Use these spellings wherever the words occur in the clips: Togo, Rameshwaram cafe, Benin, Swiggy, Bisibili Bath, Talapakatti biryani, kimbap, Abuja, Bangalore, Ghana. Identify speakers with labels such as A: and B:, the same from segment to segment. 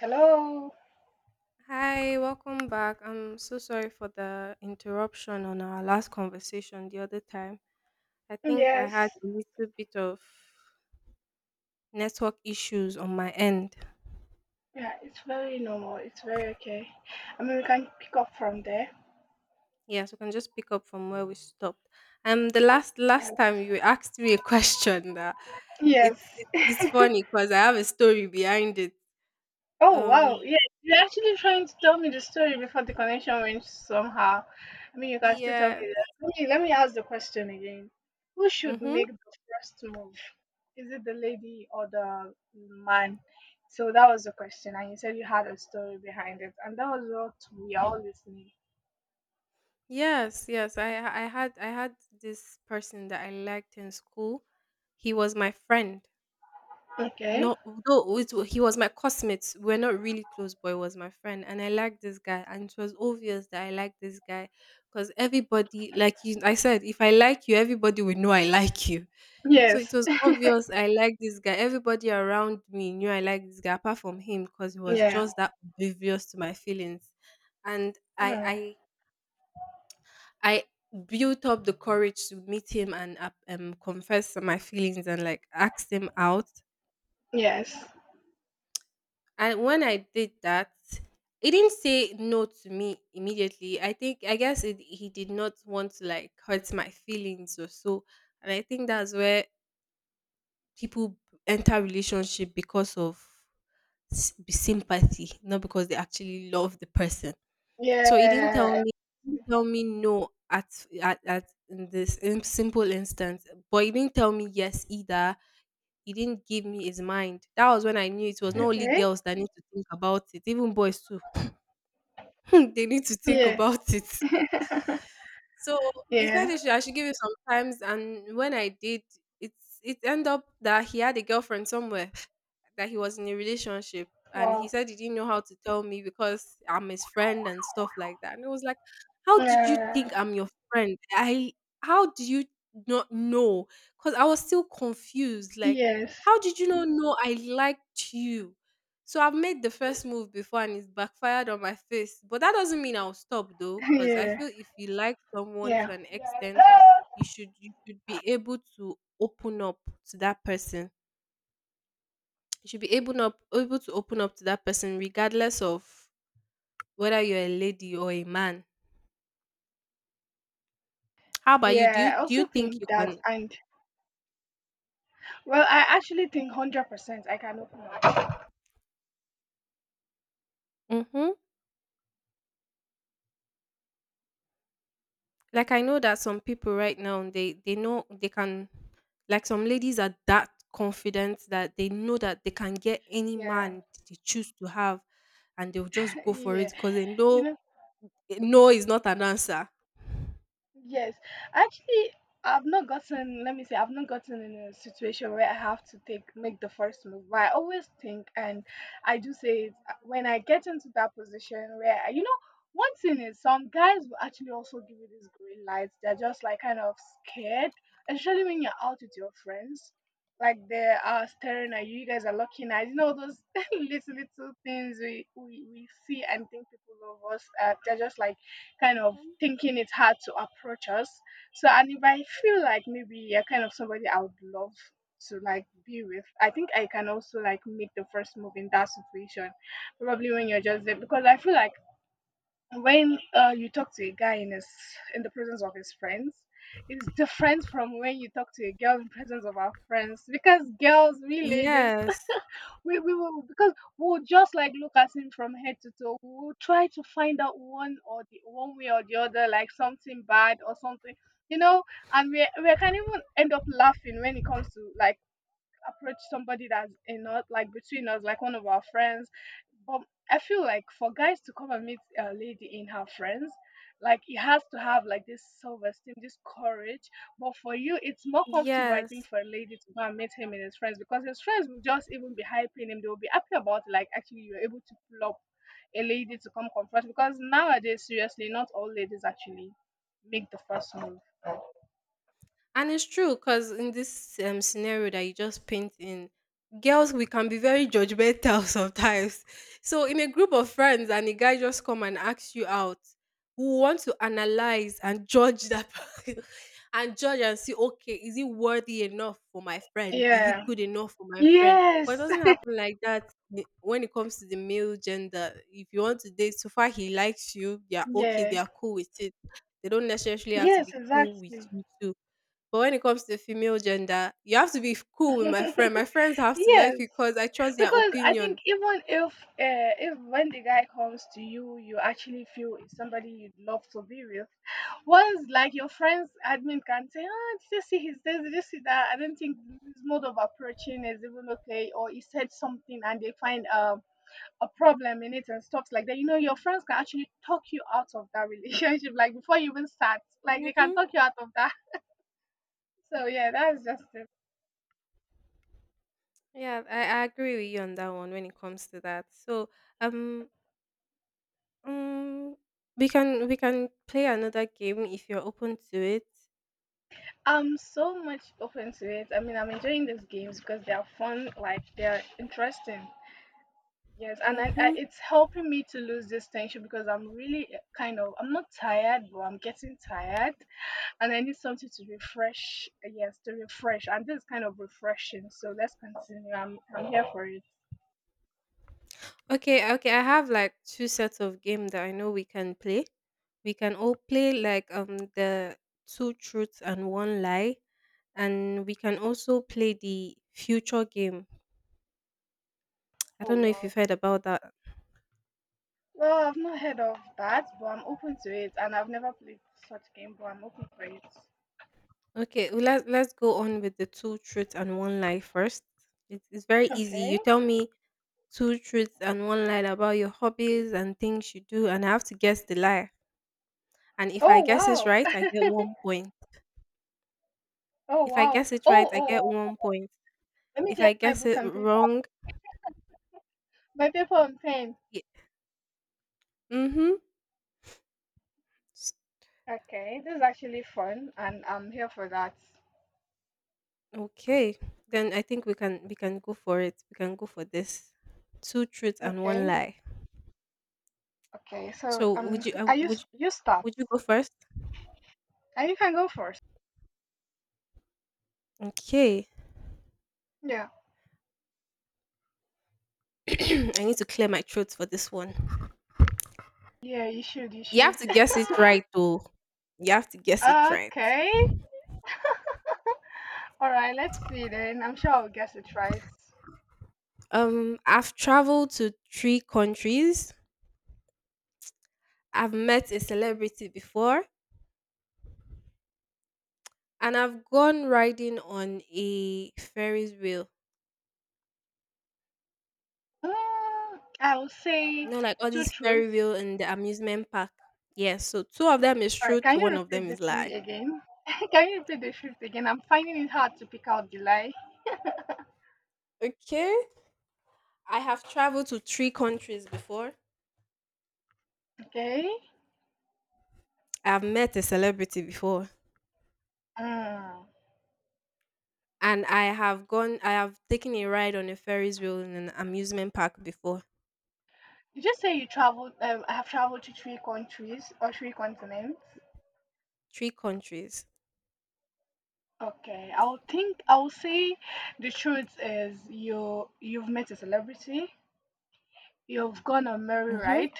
A: Hello.
B: Hi, welcome back. I'm so sorry for the interruption on our last conversation the other time. I think I
A: Yes.
B: had a little bit of network issues on my end.
A: Yeah, it's very normal. It's very okay. I mean, we can pick up from there.
B: Yeah, so we can just pick up from where we stopped. The last time
A: Yes.
B: you asked me a question that
A: Yes.
B: it's funny because I have a story behind it.
A: Oh wow.
B: Um,
A: Yeah, you're actually trying to tell me the story before the connection went somehow. I mean, you can still tell
B: yeah.
A: me that. Let me ask the question again. Who should
B: Mm-hmm.
A: make the first move? Is it the lady or the man? So that was the question, and you said you had a story behind it, and that was what we are all listening.
B: Yes. I had this person that I liked in school. He was my friend.
A: Okay.
B: No, although he was my cosmate. We're not really close, but he was my friend, and I liked this guy, and it was obvious that I liked this guy, because everybody, like you, I said, if I like you, everybody will know I like you. So it
A: Yes.
B: was obvious I liked this guy. Everybody around me knew I liked this guy, apart from him, because he was
A: Yeah.
B: just that oblivious to my feelings, and
A: Uh-huh.
B: I built up the courage to meet him and confess my feelings and like ask him out.
A: Yes.
B: And when I did that, he didn't say no to me immediately. I think I guess it, he did not want to like hurt my feelings or so. And I think that's where people enter relationship because of sympathy, not because they actually love the person.
A: Yeah.
B: So he didn't tell me, he didn't tell me no at in this in simple instance, but he didn't tell me yes either. He didn't give me his mind. That was when I knew it was not only
A: Okay.
B: girls that need to think about it, even boys too. They need to think
A: Yeah.
B: about it. So he said
A: Yeah.
B: I should give him some times, and when I did, it ended up that he had a girlfriend somewhere that he was in a relationship, and he
A: Wow.
B: said he didn't know how to tell me because I'm his friend and stuff like that. And it was like, how did you think
A: Yeah.
B: I'm your friend? I how do you not know? Because I was still confused. Like,
A: Yes.
B: how did you not know I liked you? So I've made the first move before and it's backfired on my face. But that doesn't mean I'll stop though, because I feel if you like someone
A: Yeah.
B: to an
A: Yeah.
B: extent, you should be able to open up to that person, you should be able to open up to that person regardless of whether you're a lady or a man. How about you?
A: Yeah. I
B: Do you
A: also
B: think you
A: think that,
B: can?
A: and well, I actually think 100% I can open up.
B: Mm-hmm. Like I know that some people right now they know they can, like some ladies are that confident that they know that they can get any
A: Yeah.
B: man they choose to have, and they'll just go for it
A: Yeah.
B: because they
A: You
B: know
A: know.
B: no is not an answer.
A: Yes, actually, I've not gotten. Let me say, I've not gotten in a situation where I have to take make the first move. But I always think, and I do say it when I get into that position where one thing is some guys will actually also give you these green lights. They're just like kind of scared, especially when you're out with your friends. Like they are staring at you. You guys are looking at those little things we see and think people love us. They're just like kind of
B: Mhm.
A: thinking it's hard to approach us. So, and if I feel like maybe you're kind of somebody I would love to like be with, I think I can also like make the first move in that situation. Probably when you're just there, because I feel like when you talk to a guy in his in the presence of his friends, it's different from when you talk to a girl in presence of our friends because girls, we ladies,
B: Yes.
A: we will because we'll just like look at him from head to toe. We'll try to find out one or the one way or the other, like something bad or something, you know. And we can even end up laughing when it comes to like approach somebody that's in us, like between us, like one of our friends. But I feel like for guys to come and meet a lady in her friends, like it has to have like this self esteem, this courage. But for you, it's more comfortable, I think,
B: Yes.
A: for a lady to go and meet him in his friends because his friends will just even be hyping him. They will be happy about it, like actually you're able to pull up a lady to come confront because nowadays, seriously, not all ladies actually make the first move.
B: And it's true because in this scenario that you just paint in, girls, we can be very judgmental sometimes. So in a group of friends and a guy just come and asks you out, we want to analyze and judge that person and judge and see, okay, is it worthy enough for my friend? Is it
A: Yeah.
B: good enough for my friend? But it
A: Yes.
B: doesn't happen like that when it comes to the male gender. If you want to date, so far he likes you, they are okay, they
A: Yeah.
B: are cool with it. They don't necessarily have to be
A: Yes,
B: cool with
A: exactly.
B: you too, but when it comes to the female gender, you have to be cool with my friend. My friends have to
A: Yes,
B: like you because I trust their
A: because I think,
B: opinion.
A: even if when the guy comes to you actually feel it's somebody you'd love to be with, once like your friends admin can say, oh, did you see his, this, did you see that, I don't think his mode of approaching is even okay, or he said something and they find a problem in it and stuff like that, your friends can actually talk you out of that relationship. Like before you even start, like they can
B: Hmm.
A: talk you out of that, so yeah, that's just it.
B: Yeah, I agree with you on that one when it comes to that. So um um we can play another game if you're open to it.
A: I'm so much open to it. I mean, I'm enjoying these games because they are fun, like they're interesting. Yes, and
B: Mm-hmm.
A: it's helping me to lose this tension because I'm really kind of I'm not tired, but I'm getting tired, and I need something to refresh. Yes, to refresh, and this is kind of refreshing. So let's continue. I'm here for it.
B: Okay, okay. I have like two sets of game that I know we can play. We can all play like the two truths and one lie, and we can also play the future game. I
A: Oh
B: don't know if
A: wow.
B: you've heard about that.
A: Well, I've not heard of that, but I'm open to it, and I've never played such game, but I'm open for it.
B: Okay, well, let's go on with the two truths and one lie first. It's very easy. You
A: Okay.
B: tell me two truths and one lie about your hobbies and things you do, and I have to guess the lie. And if I
A: Oh
B: guess it
A: wow.
B: right, I get 1 point.
A: Oh
B: If I
A: wow.
B: guess it right,
A: Oh
B: I
A: oh
B: get
A: oh.
B: 1 point.
A: Let me
B: If
A: get
B: I
A: my
B: guess
A: book
B: it
A: and paper.
B: wrong,
A: My paper and pen.
B: y- mhm. S-
A: Okay, this is actually fun, and I'm here for that.
B: okay, then I think we can go for it. We can go for this two truths and one
A: Okay,
B: lie.
A: okay. So
B: So
A: I use you start,
B: would you go first?
A: and you can go first.
B: Okay.
A: Yeah,
B: I need to clear my throat for this one.
A: yeah. You should. You
B: You have
A: should.
B: to guess it right, though. You have to guess it right.
A: Okay. All right. Let's see then. I'm sure I'll guess it right.
B: I've traveled to three countries. I've met a celebrity before, and I've gone riding on a Ferris wheel.
A: Mm, I'll say
B: You know, like all
A: two
B: this Ferris
A: truths.
B: wheel in the amusement park. Yes. So two of them is
A: All right.
B: truth,
A: Can you
B: one of
A: repeat
B: them
A: the
B: is
A: three
B: lie.
A: again? Can you repeat the fifth again? I'm finding it hard to pick out the lie.
B: Okay. I have traveled to three countries before.
A: Okay.
B: I've met a celebrity before.
A: Mm.
B: And I have gone, I have taken a ride on a Ferris wheel in an amusement park before.
A: You just say you traveled. I have traveled to three countries or three continents.
B: Three countries.
A: Okay, I'll think. I'll say the truth is you've met a celebrity. You've gone on merry
B: Mhm.
A: ride,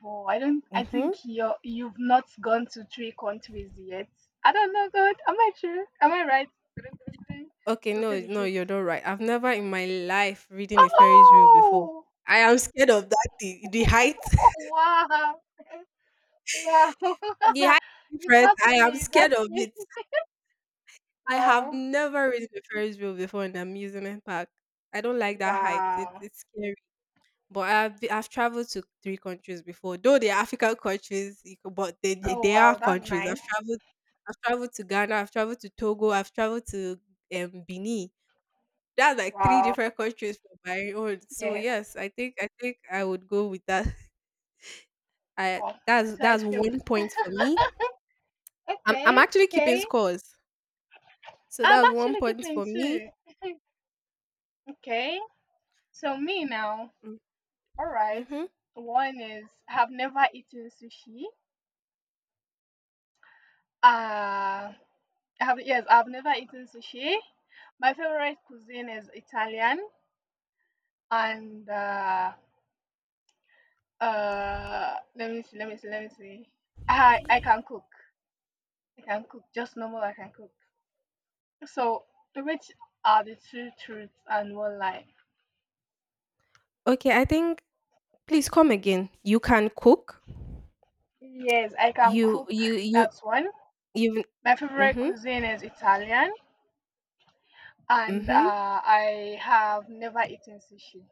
A: but I don't. I
B: Mhm.
A: think you've not gone to three countries yet. I don't know, God. Am I true? Am I right?
B: Okay,
A: So say
B: no,
A: the
B: no,
A: truth.
B: you're not right. I've never in my life ridden a Ferris wheel before.
A: Oh
B: I am scared of that, the height.
A: wow wow!
B: The height
A: You
B: difference.
A: got
B: I am
A: me. You got
B: scared of
A: me.
B: it. I have
A: Wow.
B: never ridden a Ferris wheel before in an amusement park. I don't like that height.
A: Wow.
B: It's scary. But I've traveled to three countries before, though they are African countries, but
A: Oh,
B: they
A: wow.
B: are
A: That's
B: countries.
A: nice.
B: I've traveled to Ghana, I've traveled to Togo, I've traveled to Benin. That's like three
A: Wow.
B: different countries from my own. So
A: Yes.
B: yes, I think I would go with that. I
A: Wow. So I
B: that's
A: feel
B: 1 point for me. I'm
A: okay.
B: actually keeping
A: Okay.
B: scores, so
A: I'm
B: that was one
A: actually
B: point
A: keeping
B: for me.
A: two. Okay. So me now.
B: Mm,
A: All right.
B: mm-hmm.
A: One is I have never eaten sushi. Uh, I have yes, I've never eaten sushi. My favorite cuisine is Italian, and let me see, let me see, let me see. I can cook. I can cook just normal. I can cook. So, which are the two truths and one lie?
B: Okay, I think, please come again. You can cook.
A: Yes, I can
B: You
A: cook.
B: you you
A: That's one.
B: you.
A: My favorite
B: Mm-hmm.
A: cuisine is Italian, and
B: Mm-hmm.
A: I have never eaten sushi.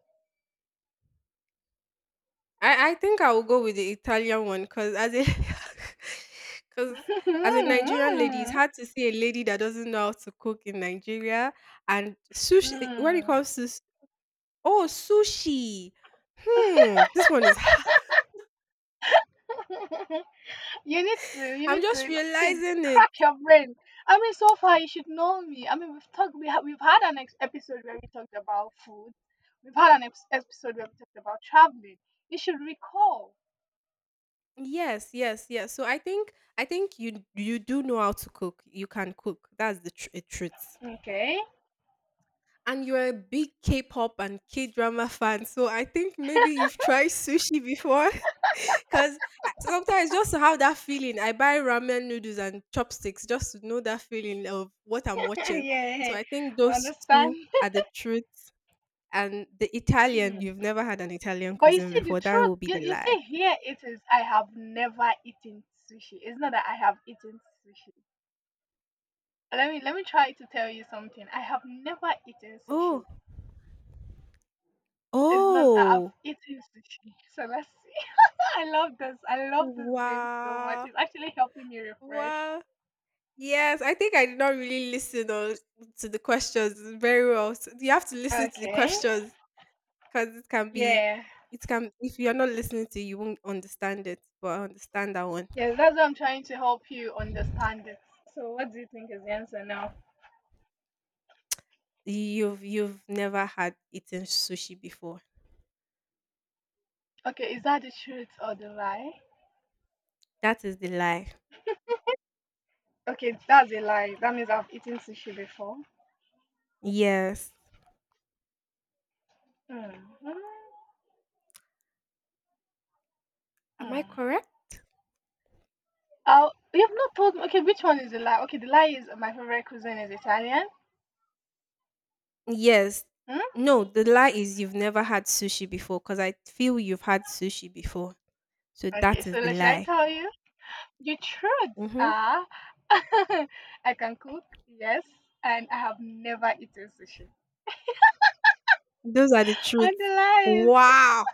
B: I think I will go with the Italian one because as a because as a Nigerian lady, it's hard to see a lady that doesn't know how to cook in Nigeria. And sushi, when it
A: Mm.
B: comes to oh sushi, hmm, this one is hard.
A: You need to, you
B: I'm
A: need to
B: just
A: like,
B: realizing it.
A: crack your brain. I mean, so far you should know me. I mean, we've talked, we have, we've had an episode where we talked about food. We've had an episode where we talked about traveling. You should recall.
B: Yes, yes, yes. So I think you do know how to cook. You can cook. That's a truth.
A: Okay.
B: And you're a big K-pop and K-drama fan, so I think maybe you've tried sushi before. Because sometimes just to have that feeling, I buy ramen noodles and chopsticks just to know that feeling of what I'm watching. So
A: Yeah,
B: I think
A: I
B: those
A: understand.
B: two are the truth. And the Italian,
A: Hmm.
B: you've never had an Italian
A: But you
B: cuisine
A: see, the
B: before. That
A: truth,
B: will be
A: you,
B: the
A: you
B: lie.
A: see, here it is. I have never eaten sushi. It's not that I have eaten sushi. Let me try to tell you something. I have never eaten
B: Oh.
A: sushi. It's not that I've
B: Oh,
A: eaten sushi. So let's see. I love this. I love this game so much.
B: wow.
A: It's actually helping me refresh.
B: Wow. Yes, I think I did not really listen or to the questions very well. So you have to listen to the
A: Okay.
B: questions because
A: Yeah.
B: it can, if you're not listening to it, you won't understand it. But I understand that one.
A: Yeah. That's what I'm trying to help you understand it. So what do you think is the answer now?
B: You've never had eaten sushi before.
A: Okay, is that the truth or the lie?
B: That is the lie.
A: Okay, that's a lie. That means I've eaten sushi before.
B: Yes.
A: Mm-hmm.
B: Am I
A: Mm.
B: correct?
A: Oh, you've not told me. Okay, which one is the lie? Okay, the lie is my favorite cuisine is Italian.
B: Yes.
A: Hmm?
B: No, the lie is you've never had sushi before because I feel you've had sushi before. So
A: Okay,
B: that is
A: so
B: the
A: like, should I
B: lie.
A: tell you? The truth
B: Hmm.
A: are, I can cook, yes, and I have never eaten sushi.
B: Those are the
A: And the
B: truths.
A: lies,
B: Wow.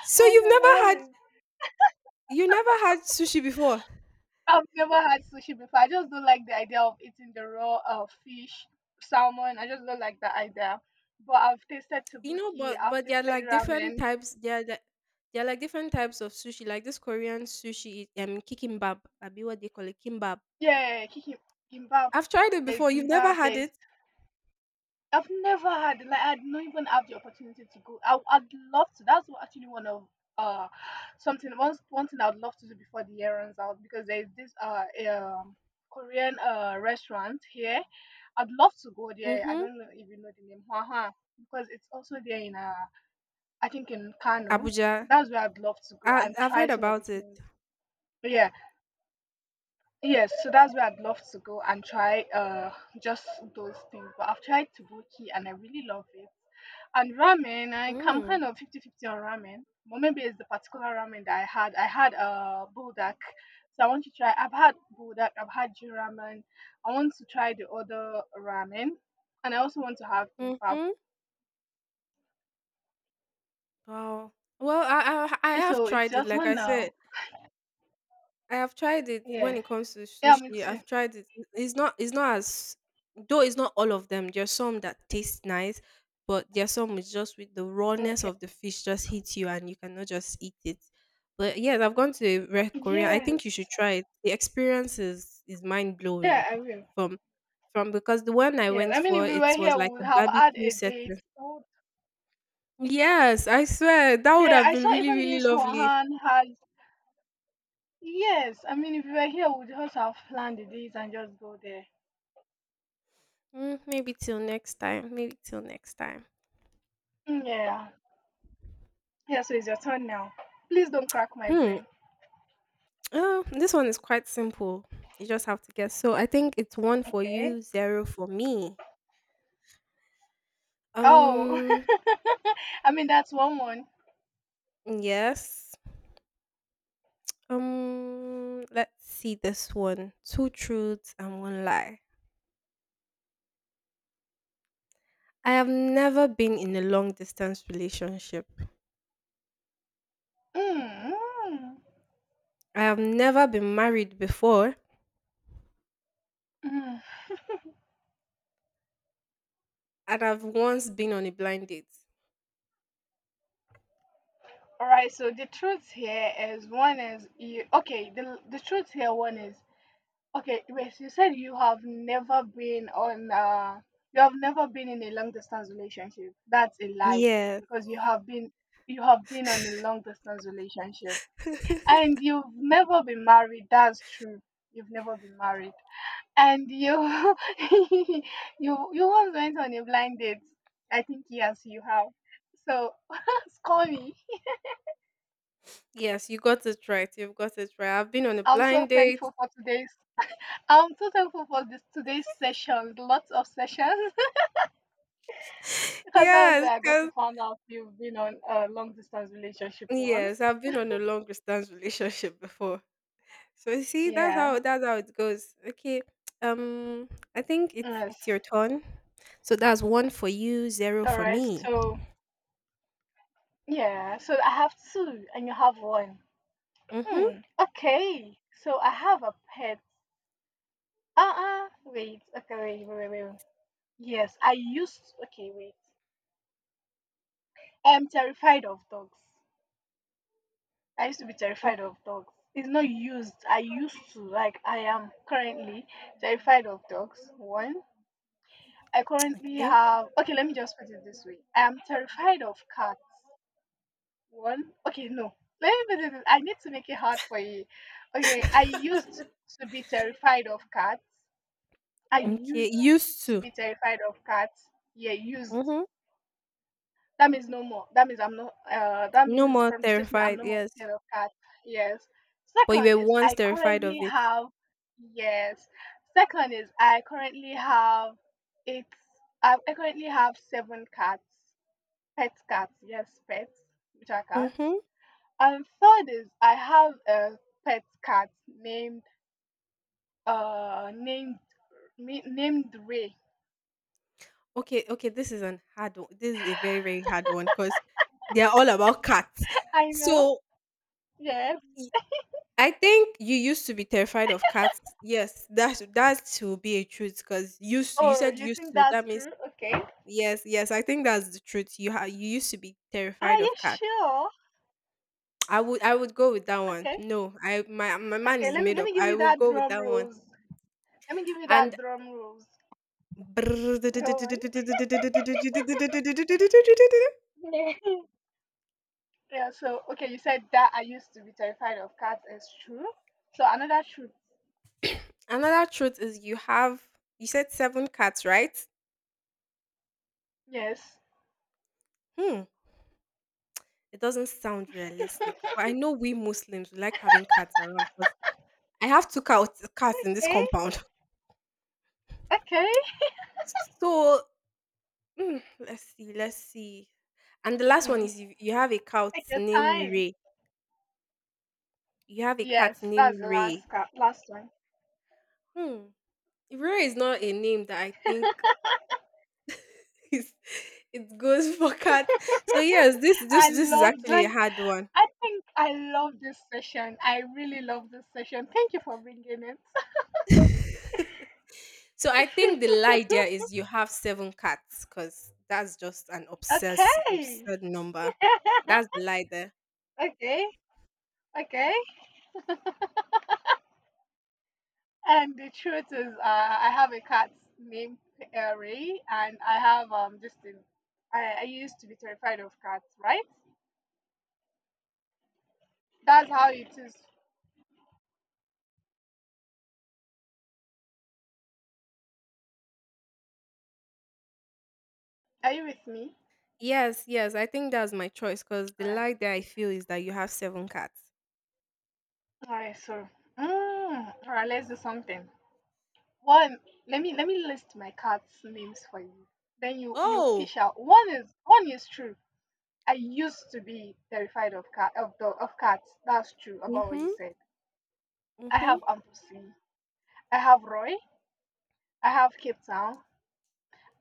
B: So
A: and the lies.
B: you never had sushi before?
A: I've never had sushi before. I just don't like the idea of eating the raw fish, salmon. I just don't like that idea. But I've tasted
B: You know,
A: tabuki. I've
B: but there are
A: tasted
B: like different
A: ramen.
B: types. There are like different types of sushi. Like this Korean sushi, is, kikimbap. I be what they call it, kimbap.
A: Yeah, gimbap.
B: I've tried it
A: There's
B: before. You've never
A: gimbap.
B: had
A: There's
B: it?
A: I've never had like I'd not even have the opportunity to go. I'd love to. That's what actually one of uh something one one thing I'd love to do before the year runs out because there's this um Korean restaurant here. I'd love to go there. I
B: Mm-hmm.
A: don't know if you know the name Hwaha because it's also there in I think in Kano.
B: Abuja.
A: That's where I'd love to go
B: I
A: and
B: I've
A: try
B: heard
A: some of the
B: about it.
A: things. Yeah, yes. So that's where I'd love to go and try just those things. But I've tried Taboki and I really love it. And ramen, I am
B: Mm.
A: kind of fifty-fifty on ramen. But maybe it's the particular ramen that I had. I had a buldak. So I want to try. I've had buldak. I've had Jew ramen. I want to try the other ramen. And I also want to have kimbap.
B: Mm-hmm. Wow. Well, I have
A: So it's
B: tried it.
A: your
B: Like
A: turn
B: I said,
A: now.
B: I have tried it when
A: Yeah.
B: it comes to
A: Yeah, me
B: sushi.
A: too.
B: I've tried it. It's not as though it's not all of them. There's some that taste nice, but there's some which just with the rawness
A: Okay.
B: of the fish just hits you and you cannot just eat it. But yes, I've gone to Korea. I
A: Yes.
B: think you should try it. The experience is mind
A: Yeah,
B: blowing
A: I will.
B: from from because the one I
A: Yes.
B: went
A: I mean,
B: for
A: if we
B: it
A: were
B: was
A: here,
B: like
A: we would
B: a
A: have had
B: barbecue
A: a date.
B: setting.
A: Oh,
B: Yes, I swear that would
A: yeah,
B: have
A: I
B: been
A: saw
B: really,
A: even
B: really
A: this
B: lovely.
A: Wuhan has. Yes. I mean, if we were here, we would just have planned the dates and just go there.
B: Mm, maybe till next time. Maybe till next time.
A: Yeah. Yeah, so it's your turn now. Please don't crack my
B: Hmm.
A: brain.
B: This one is quite simple. You just have to guess. So I think it's one for
A: Okay.
B: you, zero for me.
A: Oh.
B: Um,
A: I mean, that's one one.
B: yes. Let's see this one. Two truths and one lie. I have never been in a long distance relationship.
A: Mm. Mm.
B: I have never been married before,
A: Mm.
B: and I've once been on a blind date.
A: All right, so the truth here is one is you okay, the truth here one is okay, wait, you said you have never been on you have never been in a long distance relationship. That's a lie
B: Yes.
A: because you have been on a long distance relationship and you've never been married. That's true. You've never been married. And you, you, you once went on a blind date. I think yes, you have. So, call me.
B: Yes, you got it right. You've got it right. I've been on a
A: I'm so
B: blind date.
A: thankful for today's. I'm so thankful for this today's session. Lots of sessions because that was
B: Yes,
A: where I got to
B: 'cause
A: find out you've been on a long distance relationship once.
B: Yes, I've been on a long distance relationship before. So you see, that's
A: Yeah.
B: how that's how it goes. Okay. Um I think it's
A: Yes.
B: your turn. So that's one for you, zero
A: All
B: for
A: right.
B: me.
A: So yeah. So I have two, and you have one.
B: Mm-hmm.
A: Hmm. Okay. So I have a pet. Wait. Okay. Wait. Wait. Wait. Wait. Yes, I used okay, wait. I'm terrified of dogs. I used to be terrified of dogs. It's not used. I used to like I am currently terrified of dogs. One. I currently
B: Okay.
A: have okay, let me just put it this way. I am terrified of cats. One. Okay, no. Let me put it this, I need to make it hard for you. Okay, I used to be terrified of cats. I
B: Okay.
A: used
B: Used
A: to
B: to.
A: be terrified of cats. Yeah, used.
B: Mm-hmm.
A: That means no more. That means I'm not. That
B: No
A: means
B: more
A: from the statement I'm
B: terrified,
A: no more
B: yes.
A: scared of cats. Yes.
B: But you
A: Second
B: were
A: is
B: once
A: I
B: terrified
A: currently
B: of it.
A: have. Yes. Second is I currently have. It's I currently have seven cats. Pet cats. Yes, pets, which are cats.
B: Mm-hmm.
A: And third is I have a pet cat named uh named named Ray.
B: Okay, this is an hard one. This is a very, very hard one because they are all about cats.
A: I know.
B: So
A: Yes.
B: I think you used to be terrified of cats. Yes, that will be a truth because you
A: Oh,
B: said
A: you
B: used
A: think
B: to.
A: that's
B: That means
A: true? Okay.
B: yes, yes. I think that's the truth. You used to be
A: Are
B: terrified
A: you
B: of cats.
A: sure?
B: I would go with that one.
A: Okay.
B: No, I my mind
A: Okay,
B: is
A: let me
B: made
A: let
B: up.
A: me give
B: I
A: you
B: will
A: that
B: go with
A: drum
B: that one.
A: rolls. Let me give you that
B: And
A: drum rolls. Go on. Yeah, so okay, you said that I used to be terrified of cats. It's true. So another truth.
B: another truth is you said seven cats, right?
A: Yes.
B: Hmm. It doesn't sound realistic, but I know we Muslims we like having cats around because. I have 2 cats. Cats in this
A: Okay.
B: compound.
A: Okay.
B: So, let's see. And the last one
A: Hmm.
B: is you have a cat
A: Take your
B: named
A: time.
B: Ray. You have a cat
A: Yes, that's
B: named
A: the
B: Ray.
A: last cat. Last one.
B: Hmm. Ray is not a name that I think is it goes for cat. So yes, this this
A: I
B: this is
A: love
B: actually a
A: like
B: hard one.
A: I think I love this session. I really love this session. Thank you for bringing it.
B: So I think the lie there is you have 7 cats because that's just an obsessed
A: Okay.
B: absurd number. That's the lie there.
A: okay. Okay. And the truth is, I have a cat named Ray, and I have just a, I used to be terrified of cats, right? That's how it is. Are you with me?
B: Yes, yes, I think that's my choice because the
A: All right,
B: like that I feel is that you have seven cats.
A: all right. So, all right, let's do something. One, let me list my cats' names for you. Then you
B: Oh,
A: fish out. One is true. I used to be terrified of cat of the of cats. That's true about what you
B: mm-hmm.
A: said. I
B: Mm-hmm.
A: have Ampusi. I have Roy. I have Cape Town.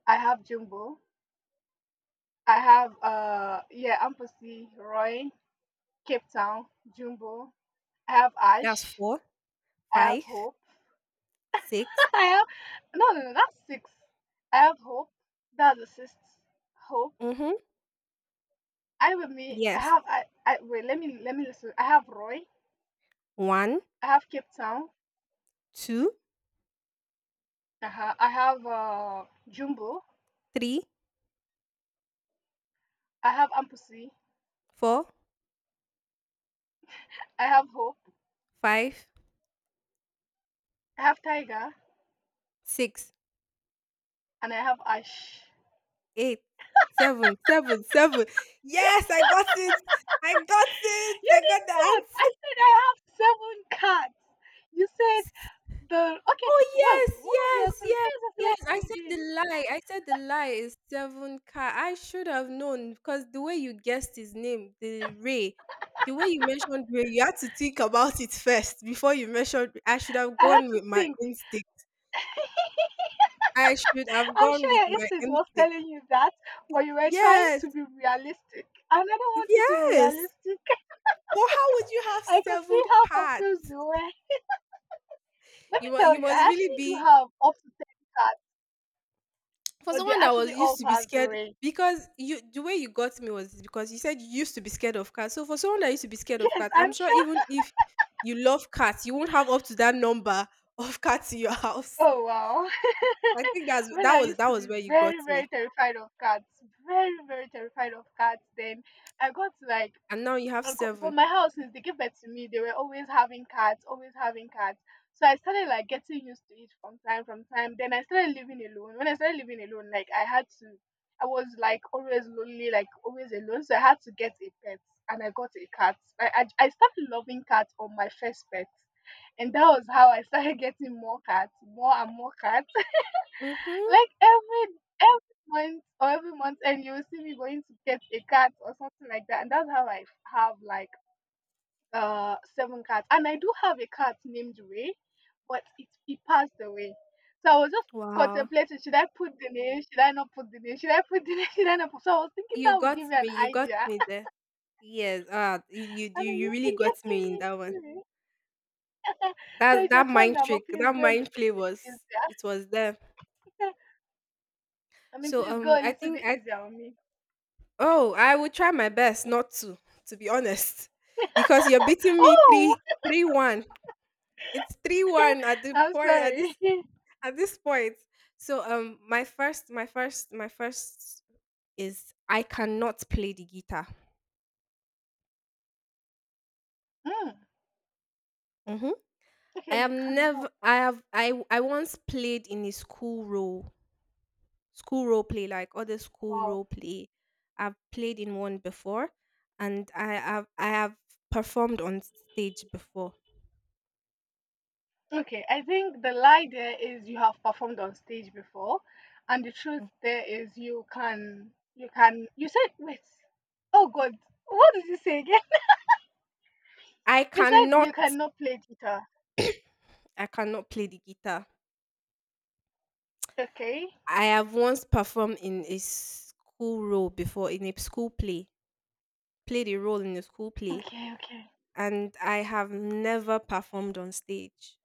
A: I have Jumbo. I have yeah, Ampussy, Roy, Cape Town, Jumbo. I have
B: That's
A: Ash.
B: four,
A: I have
B: five,
A: Hope.
B: six.
A: I have no no no that's six. I have Hope. That's the sixth Hope.
B: Mm-hmm.
A: I with me. I
B: Yes.
A: have I, I wait. Let me listen. I have Roy.
B: One,
A: I have Cape Town.
B: two,
A: Uh-huh. I have Jumbo.
B: three,
A: I have Ampussy.
B: four,
A: I have Hope.
B: five,
A: I have Tiger,
B: six,
A: and I have Ash.
B: eight, seven, seven, seven. Yes, I got it. I got it.
A: You
B: I
A: did
B: got the
A: not. I
B: answer.
A: said I have seven cats. You said The okay,
B: Oh
A: whoa, what
B: yes,
A: was the
B: yes,
A: what is
B: yes,
A: the
B: yes. I
A: selection
B: said the
A: again?
B: lie. I said the lie is seven car. I should have known because the way you guessed his name, the Ray, the way you mentioned Ray, you had to think about it first before you mentioned. I should have
A: I had
B: gone
A: to
B: with my
A: think.
B: instinct. I should have
A: I'm
B: gone
A: sure
B: with
A: your
B: my
A: instinct was
B: instinct.
A: telling you that, but you were trying
B: Yes,
A: to be realistic, and I don't want you to be
B: yes.
A: realistic.
B: Well, how would you have
A: I could
B: seven
A: see how confused
B: cats?
A: you were. Let me
B: You must,
A: tell
B: you
A: you,
B: must
A: I
B: really
A: actually do
B: be
A: have up to 10 cards,
B: for
A: but they
B: someone that was
A: actually
B: used
A: all
B: to be
A: passed
B: scared
A: away.
B: because you the way you got me was because you said you used to be scared of cats. So for someone that used to be scared of
A: Yes,
B: cats,
A: I'm
B: I'm sure
A: sure.
B: even if you love cats, you won't have up to that number of cats in your house.
A: Oh wow.
B: I think that's
A: Well,
B: that
A: I
B: was
A: used
B: that
A: to
B: was
A: be
B: where you got
A: very,
B: me.
A: very terrified of cats. Very, very terrified of cats. Then I got like
B: And now you have
A: But
B: 7.
A: my house, since they gave birth to me, they were always having cats, always having cats. So I started like getting used to it from time. Then I started living alone. When I started living alone, like I had to, I was like always lonely, like always alone. So I had to get a pet, and I got a cat. I started loving cats on my first pet, and that was how I started getting more cats, more and more cats.
B: Mhm.
A: Like every month or every month, and you will see me going to get a cat or something like that. And that's how I have like seven cats, and I do have a cat named Ray, but it he passed away. So I was just
B: Wow.
A: contemplating, should I put the name, should I not put the name, should I put the name, should I not put so I was thinking
B: You
A: that would
B: got
A: give you
B: me.
A: an
B: You got
A: idea.
B: me there. Yes. Ah, you
A: I
B: you
A: mean,
B: you
A: you've
B: really
A: been
B: got me
A: getting
B: in
A: me
B: that one.
A: too, so
B: That
A: it's your
B: that
A: turn
B: mind
A: now,
B: trick,
A: but please
B: that
A: go a little
B: mind play
A: easier.
B: was it was there.
A: I mean,
B: So
A: please go a
B: I
A: little
B: think
A: bit
B: I.
A: easier on me.
B: Oh, I will try my best not to, to be honest, because you're beating me
A: oh,
B: 3-3-1. It's 3-1 at the
A: I'm
B: point
A: sorry.
B: at this point. So my first is I cannot play the guitar.
A: Hmm.
B: Mhm. I
A: Okay,
B: have
A: you cannot.
B: never I have I once played in a school role play, like other school
A: Wow.
B: role play. I've played in one before, and I have performed on stage before.
A: Okay, I think the lie there is you have performed on stage before, and the truth
B: Mm.
A: there is you said wait. Oh God, what did you say again?
B: I
A: You said you
B: cannot
A: cannot play guitar.
B: I cannot play the guitar.
A: Okay,
B: I have once performed in a school role before in a school play. Played a role in a school play,
A: okay, okay.
B: and I have never performed on stage.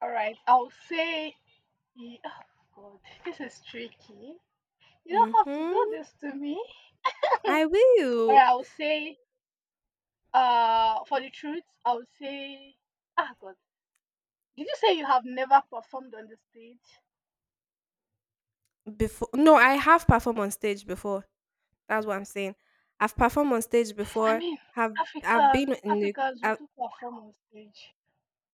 A: All right, I'll say. Oh God, this is tricky. You don't have to do
B: Mm-hmm.
A: this to me.
B: I
A: All
B: will
A: right, I'll say. For the truth, I'll say. Ah God, did you say you have never performed on the stage?
B: before. No, I have performed on stage before. That's what I'm saying. I've performed on stage
A: I
B: before.
A: mean,
B: Have I've been in a,
A: Africans, we
B: I've,
A: do perform on stage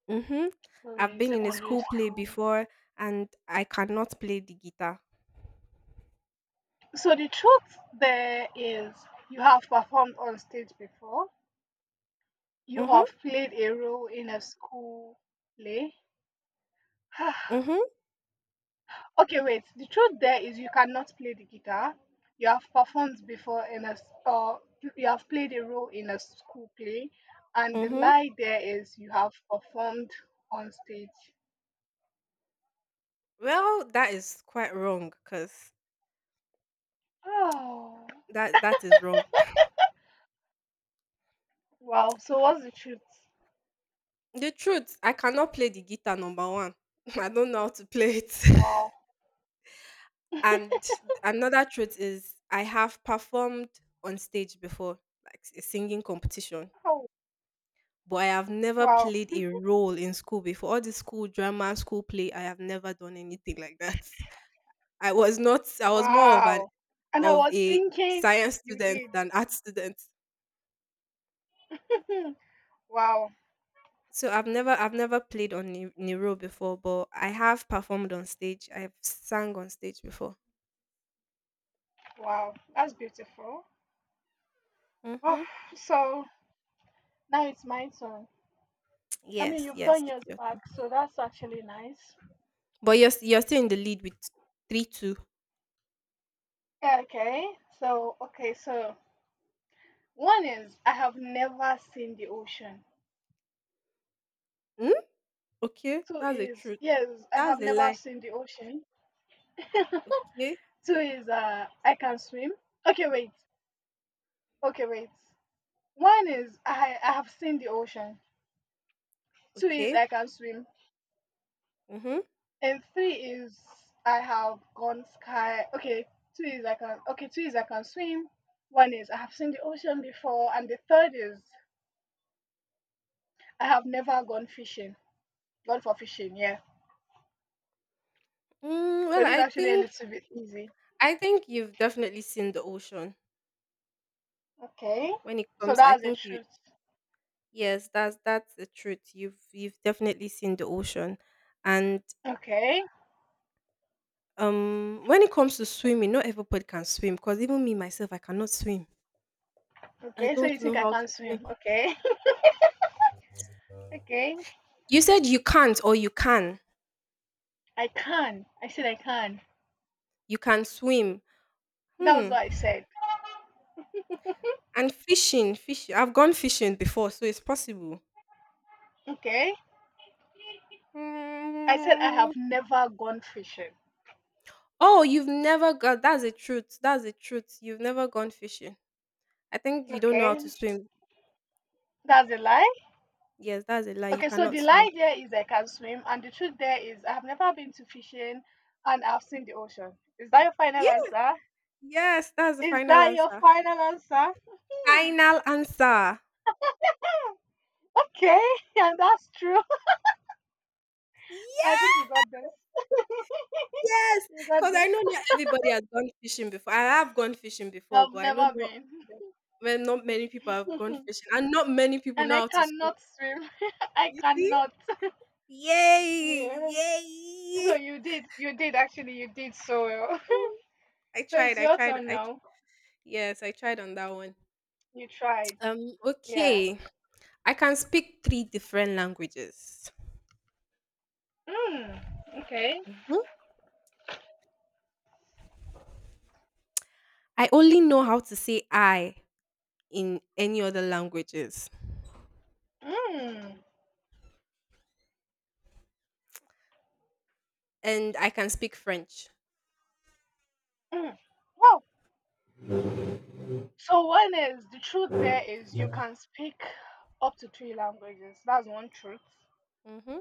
B: mm-hmm.
A: from
B: I've
A: in
B: been in a
A: secondary
B: school play
A: school.
B: before, and I cannot play the guitar.
A: So the truth there is, you have performed on stage before. You
B: Mm-hmm.
A: have played a role in a school play.
B: Mm-hmm.
A: okay, wait. The truth there is, you cannot play the guitar. You have performed before in a s- or you have played a role in a school play, and the
B: Mm-hmm.
A: lie there is, you have performed on stage.
B: Well, that is quite wrong because that is wrong.
A: Oh, wow. So what's the truth?
B: The truth, I cannot play the guitar, number one. I don't know how to play it.
A: Wow.
B: And another truth is I have performed on stage before, like a singing competition,
A: Oh,
B: but I have never
A: wow.
B: played a role in school before. All the school drama, school play, I have never done anything like that. I was not I was more of an
A: Wow. And I
B: of
A: was
B: a
A: thinking
B: science
A: you
B: student
A: did.
B: than art student.
A: Hmm. Wow.
B: So I've never played in a role before, but I have performed on stage. I've sang on stage before.
A: Wow. That's beautiful. Oh,
B: Hmm.
A: so now it's my turn. I mean,
B: Yes,
A: you've
B: yes,
A: done
B: it's
A: yours
B: your turn.
A: back, so that's actually nice.
B: But you're still in the lead with 3-2.
A: Okay. So, okay. So, one is I have never seen the ocean.
B: Hmm. Okay,
A: Two
B: that's a
A: is,
B: truth.
A: yes, I have
B: That's a
A: never
B: lie.
A: seen the ocean.
B: Okay,
A: Two is, I can swim. Okay, wait. Okay, wait. One is I have seen the ocean. Two is
B: okay.
A: I can swim.
B: Mhm.
A: And three is I have gone sky. Okay, two is I can. Okay, two is I can swim. One is I have seen the ocean before, and the third is I have never gone fishing. Gone for fishing, yeah.
B: Mm,
A: So
B: well,
A: this is
B: I
A: actually a
B: think
A: little bit easy.
B: I think you've definitely seen the ocean
A: Okay,
B: when it
A: so
B: comes. I
A: that's the
B: think you.
A: truth.
B: Yes, that's the truth. You've definitely seen the ocean, and
A: Okay,
B: when it comes to swimming, not everybody can swim. Because even me myself, I cannot swim. I
A: okay. So you
B: don't know
A: think I
B: how to
A: can't
B: swim.
A: swim? Okay, okay.
B: You said you can't or you can.
A: I can. I said I can.
B: You can swim.
A: That was
B: Hmm.
A: what I said.
B: And fishing, fish I've gone fishing before, so it's possible.
A: Okay. I said I
B: Mm,
A: have never gone fishing.
B: oh, you've never got that's the truth. That's the truth. You've never gone fishing. I think you don't know how
A: Okay,
B: to swim.
A: that's a lie.
B: Yes, that's a lie. You
A: Okay, so
B: cannot
A: the
B: swim.
A: lie there is I can swim, and the truth there is I have never been to fishing and I've seen the ocean. Is that your final
B: Yeah,
A: answer?
B: yes, that's the
A: Is
B: final
A: that your
B: answer.
A: final answer? Hmm.
B: Final answer.
A: Okay, and that's true. I think you
B: Yes,
A: got this.
B: yes.
A: You got
B: Because I
A: this.
B: know not everybody has gone fishing before. I have gone fishing before,
A: I've
B: but I know
A: never
B: not
A: been.
B: well, not many people have gone fishing, and not many people
A: and
B: know
A: I
B: how to swim.
A: cannot swim. I
B: You see?
A: cannot.
B: Yay!
A: Yeah. So
B: Yay!
A: you did. You did actually. You did so well.
B: I
A: so
B: tried.
A: it's
B: I
A: your
B: tried.
A: turn now.
B: Yes, I tried on that one.
A: You tried. Yeah.
B: Okay. I can speak three different languages.
A: Mm. Okay.
B: Mhm. I only know how to say I in any other languages,
A: Mm.
B: and I can speak French.
A: Mm. Well, so one is the truth there is you can speak up to three languages. That's one truth.
B: Mm-hmm.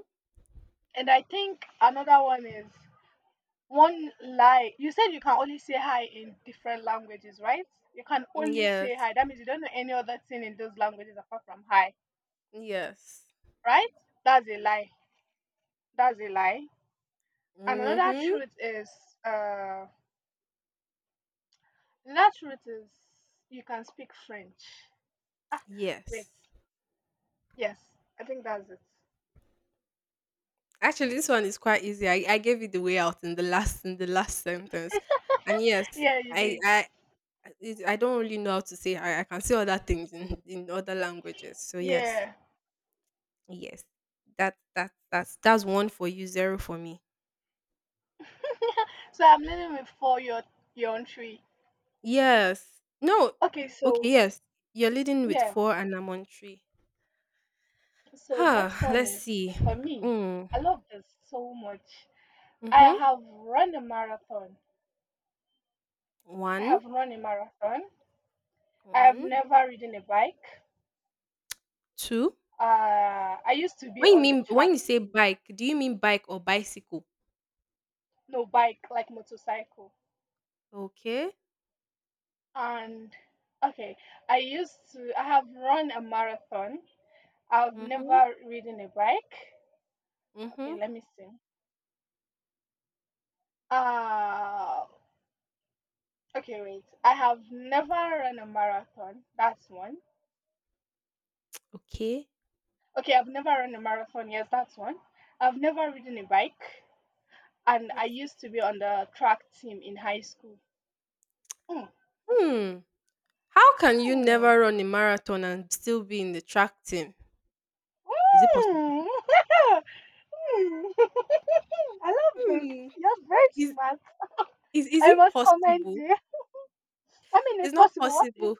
A: And I think another one is one lie. You said you can only say hi in different languages, right? You can only say
B: Yes.
A: hi. That means you don't know any other thing in those languages apart from hi,
B: Yes.
A: right? That's a lie. That's a lie. And another
B: Mm-hmm.
A: truth is uh another truth is you can speak French. Ah,
B: Yes.
A: wait. Yes, I think that's it.
B: Actually, this one is quite easy. I gave it the way out in the last sentence, and yes,
A: Yeah, you
B: I
A: did.
B: I. I I don't really know how to say I can say other things in other languages. So yes.
A: Yeah.
B: Yes. That's one for you, zero for me.
A: So I'm leaning with four, your own three.
B: Yes. No.
A: Okay,
B: Okay,
A: so
B: yes. You're leading with
A: yeah.
B: four and I'm on three.
A: So
B: Huh,
A: next one
B: let's
A: is
B: see.
A: for me.
B: Mm.
A: I love this so much. I
B: Mm-hmm.
A: have run a marathon. I
B: One,
A: have run a marathon. I have
B: one,
A: never ridden a bike.
B: two.
A: I used to be
B: When you
A: on the
B: mean when
A: track
B: you say
A: team.
B: bike, do you mean bike or bicycle?
A: No bike, like motorcycle.
B: Okay.
A: And okay, I used to. I have run a marathon. I've
B: Mm-hmm.
A: never ridden a bike. Okay,
B: Mm-hmm.
A: let me see. Uh, Okay, wait. I have never run a marathon. That's one.
B: Okay.
A: Okay, I've never run a marathon. Yes, that's one. I've never ridden a bike. And I
B: Yes.
A: used to be on the track team in high school. Mm.
B: Hmm. How can you never
A: Mm.
B: run a marathon and still be in the track team? Is it possible?
A: Mm. Mm. I love this.
B: Hmm.
A: You're very
B: Is
A: smart.
B: is
A: I
B: it
A: must commend
B: possible?
A: you. I mean,
B: It's
A: it's
B: not
A: possible. What if?
B: possible.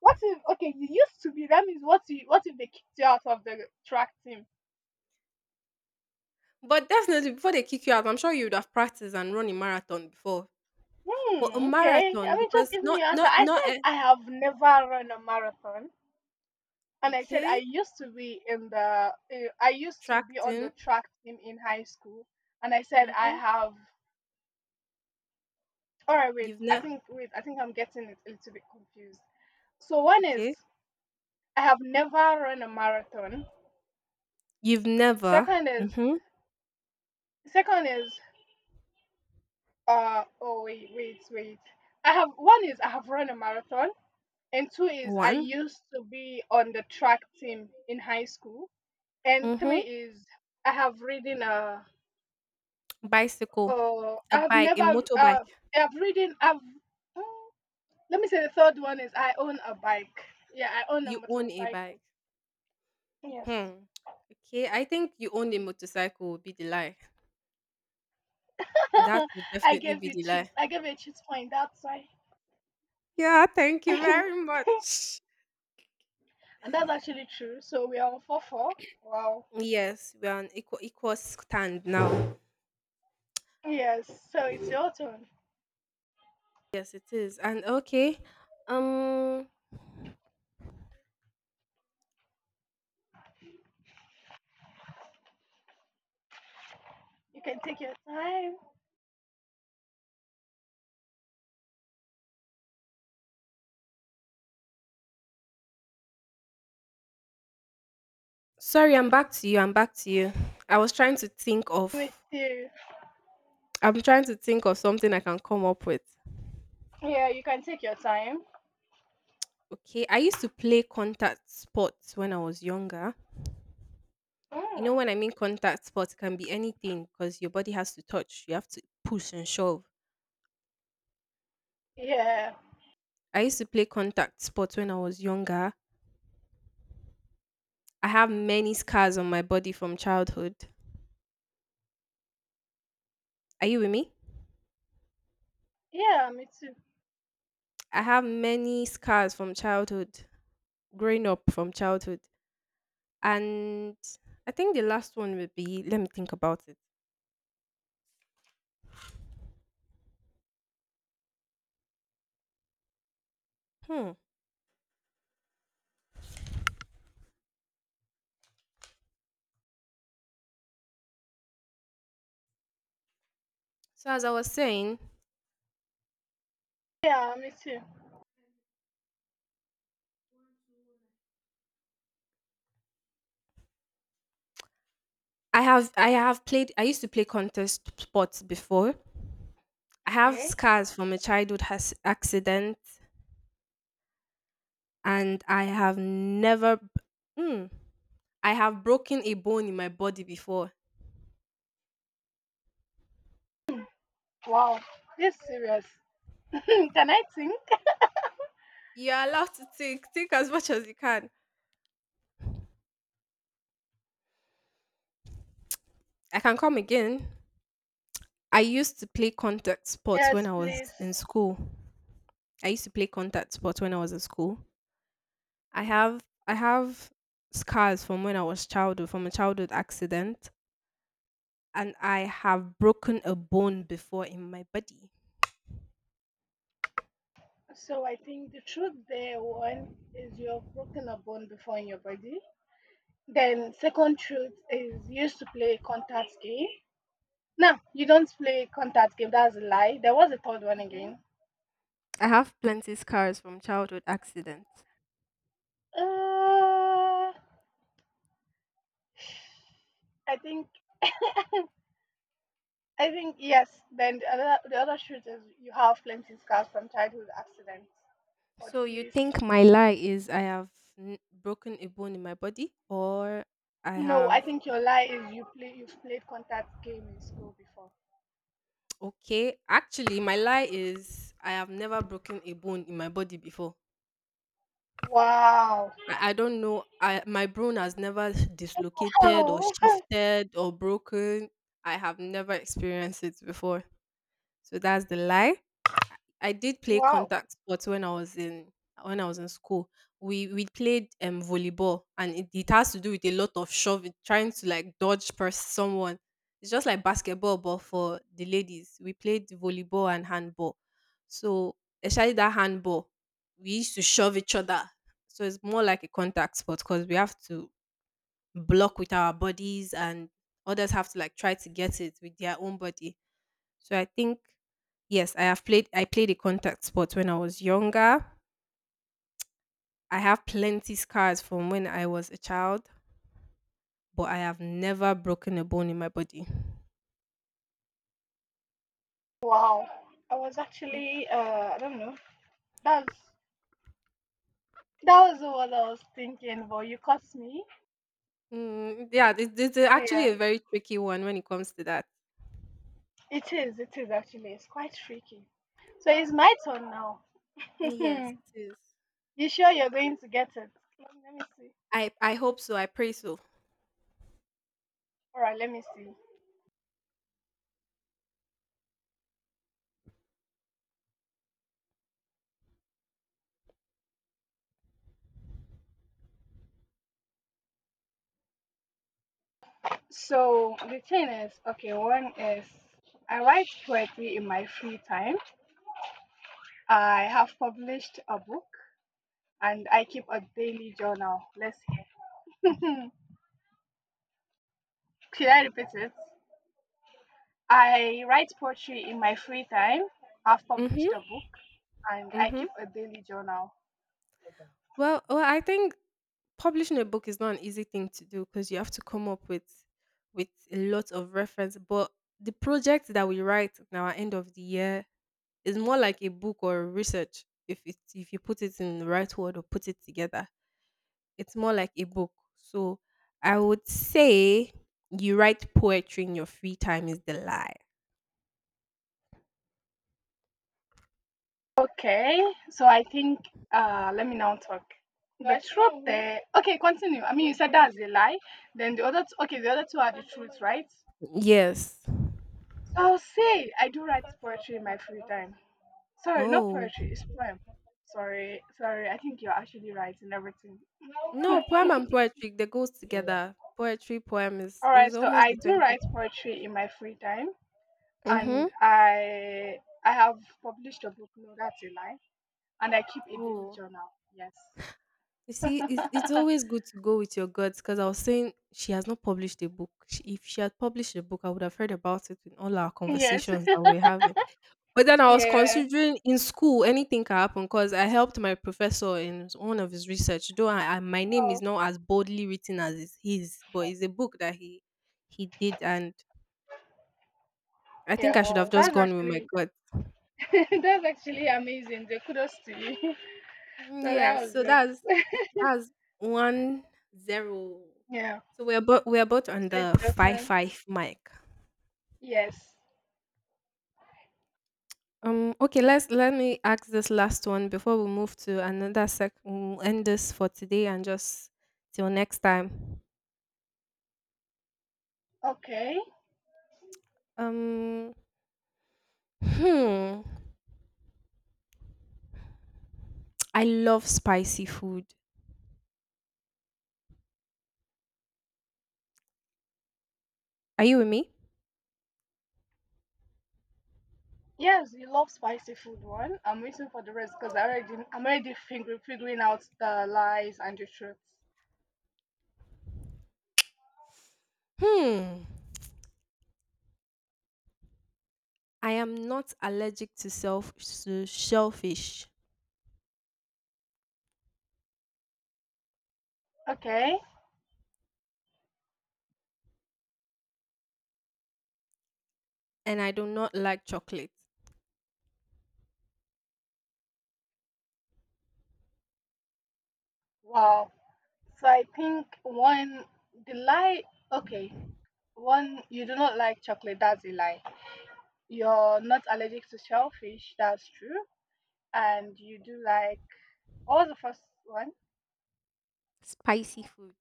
A: What if? Okay, you used to be. That means what? You, what if they kicked you out of the track team?
B: But definitely before they kick you out, I'm sure you would have practiced and run a marathon before. But a
A: Hmm, okay. I
B: marathon
A: mean, just
B: because
A: give me
B: not
A: your answer.
B: not
A: I
B: not
A: said
B: e
A: I have never run a marathon, and I said I
B: okay,
A: used to be in the I used to
B: track
A: be on
B: team.
A: the track team in high school, and I said I
B: Mhm.
A: have. All right, wait.
B: You've never.
A: I think I'm getting it a little bit confused. So one is
B: Okay.
A: I have never run a marathon.
B: You've never
A: Second is
B: mhm,
A: second is uh oh wait wait wait. I have one is I have run a marathon, and two is I
B: 1,
A: used to be on the track team in high school, and three
B: mhm,
A: is I have reading uh
B: bicycle, a
A: I have
B: bike, a
A: never
B: motorbike.
A: I have reading I've oh, let me say the third one is I own a bike. Yeah, I own a
B: You own a bike.
A: motorcycle. Yes.
B: Hmm. Okay, I think you own a motorcycle would be the lie. That would
A: I
B: definitely
A: gave
B: be
A: you
B: the
A: cheats.
B: lie.
A: I gave you a cheat point, that's why.
B: Yeah, thank you
A: and
B: very much.
A: that's actually true. So we are on 4-4. Wow.
B: Yes, we are on equal stand now.
A: Yes, so it's your turn.
B: Yes, it is. And okay. Um
A: You can take your time.
B: sorry, I'm back to you. I'm back to you. I was trying to think
A: Me
B: of
A: too.
B: I'm trying to think of something I can come up with.
A: Yeah, you can take your time.
B: Okay. I used to play contact sports when I was younger. You know
A: Mm.
B: when I mean contact sports, it can be anything because your body has to touch. You have to push and shove.
A: Yeah.
B: I used to play contact sports when I was younger. I have many scars on my body from childhood. Are you with me?
A: Yeah, me too.
B: I have many scars from childhood, growing up from childhood. And I think the last one would be let me think about it. Hmm. So as I was saying,
A: Yeah, me too.
B: I used to play contest sports before. I have
A: Okay.
B: scars from a childhood has accident and I have never hmm, I have broken a bone in my body before.
A: Wow, this serious. Can I think?
B: You're allowed to think. Think as much as you can. I can come again. I used to play contact sports when
A: Yes,
B: I was
A: please.
B: in school. I used to play contact sports when I was in school. I have scars from when I was childhood from a childhood accident and I have broken a bone before in my body.
A: So I think the truth there, one is you have broken a bone before in your body. Then second truth is you used to play contact game. No, you don't play contact game. That's a lie. There was a third one
B: Mhm.
A: again.
B: I have plenty scars from childhood accidents.
A: Uh, I think yes. Then the other truth is you have plenty scars from childhood accidents. But
B: So you
A: please.
B: think my lie is broken a bone in my body or I
A: No, I
B: have
A: think your lie is you've played contact game in school before.
B: okay, actually, my lie is I have never broken a bone in my body before.
A: Wow.
B: I don't know. I my bone has never dislocated or
A: Oh.
B: shifted or broken. I have never experienced it before. So that's the lie. I did play
A: Wow.
B: contact sports when I was in when I was in school. We played volleyball, and it has to do with a lot of shoving, trying to like dodge someone. It's just like basketball, but for the ladies. We played volleyball and handball. So especially that handball, we used to shove each other. So it's more like a contact sport because we have to block with our bodies, and others have to like try to get it with their own body so I think yes, I played a contact sport when I was younger. I have plenty scars from when I was a child, but I have never broken a bone in my body.
A: Wow. I was
B: Mm,
A: actually I don't know. That's that was what I was thinking, but you caught me.
B: yeah, this is actually
A: Yeah.
B: a very tricky one when it comes to that.
A: It is actually. It's quite tricky. So it's my turn now.
B: Yes,
A: you
B: it is.
A: sure you're going to get it? Let me see.
B: I hope so. I pray so.
A: Alright, let me see. So the thing is, okay, one is I write poetry in my free time. I have published a book and I keep a daily journal. Let's hear. Should I repeat it? I write poetry in my free time. I've
B: Mhm.
A: published a book and I
B: Mhm.
A: keep a daily journal.
B: Well, I think publishing a book is not an easy thing to do because you have to come up with a lot of reference. But the project that we write in our end of the year it's more like a book or research if it if you put it in the right word or put it together. It's more like a book. So I would say you write poetry in your free time is the lie.
A: Okay, so I think let me now talk. The truth there. Okay, continue. I mean, you said that's a lie. Then the other two, okay, the other two are the truth, right?
B: Yes.
A: So I'll say I do write poetry in my free time. Sorry, not
B: Oh.
A: poetry, it's poem. Sorry, sorry, I think you're actually right in everything.
B: No, poem and poetry, they goes together. Poetry, poem is
A: All right,
B: it's
A: so
B: almost
A: I
B: the
A: do
B: same thing.
A: write poetry in my free time,
B: Mm-hmm.
A: and I have published a book. No, that's a lie. And I keep a daily
B: Oh,
A: journal. Yes,
B: you see, it's always good to go with your guts because I was saying she has not published a book. She, if she had published a book, I would have heard about it in all our
A: yes,
B: conversations that we're having. But then I was
A: yeah.
B: considering in school anything can happen because I helped my professor in one of his research. Though my name is
A: Wow,
B: not as boldly written as is his, but it's a book that he did, and I think
A: yeah.
B: I should have
A: Wow,
B: just
A: that's
B: gone with my
A: actually
B: gut.
A: that's actually amazing. The kudos to you. So
B: Yeah,
A: that was
B: so
A: it.
B: that's 1-0.
A: Yeah.
B: So we're about on
A: So it's
B: the
A: your
B: five
A: turn.
B: five mic.
A: Yes.
B: Okay. Let's let me ask this last one before we move to another sec. We'll end this for today and just till next time.
A: Okay.
B: Um, hmm. I love spicy food. Are you with me?
A: Yes, you love spicy food one. I'm waiting for the rest because I'm already figuring out the lies and the truths.
B: Hmm. I am not allergic to self to shellfish,
A: Okay.
B: and I do not like chocolate.
A: Wow. So I think one, the lie okay, one, you do not like chocolate, that's a lie. You're not allergic to shellfish, that's true. And you do like what was the first one?
B: Spicy food.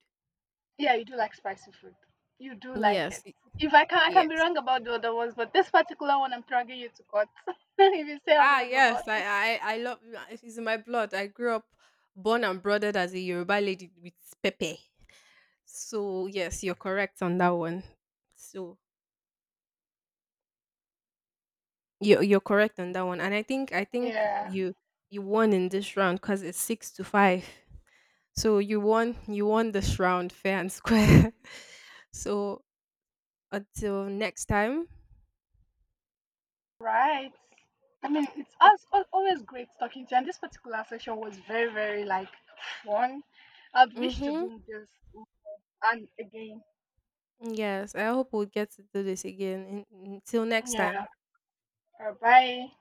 A: Yeah, you do like spicy food. You do like
B: Yes,
A: it.
B: y-
A: If I can be
B: yes.
A: wrong about the other ones, but this particular one I'm dragging you to court. if you say I'm
B: Ah,
A: wrong about.
B: yes. I love. It's in my blood. I grew up, born and brothered as a Yoruba lady with Pepe. So yes, you're correct on that one. So you're correct on that one, and I think
A: Yeah,
B: you you won in this round because it's 6-5. So you won this round fair and square. so until next time.
A: right. I mean, it's as always great talking to you. And this particular session was very, very like fun. I'd wish to
B: Mm-hmm.
A: do this and again.
B: Yes, I hope we'll get to do this again. In- until next time.
A: Yeah. Bye bye.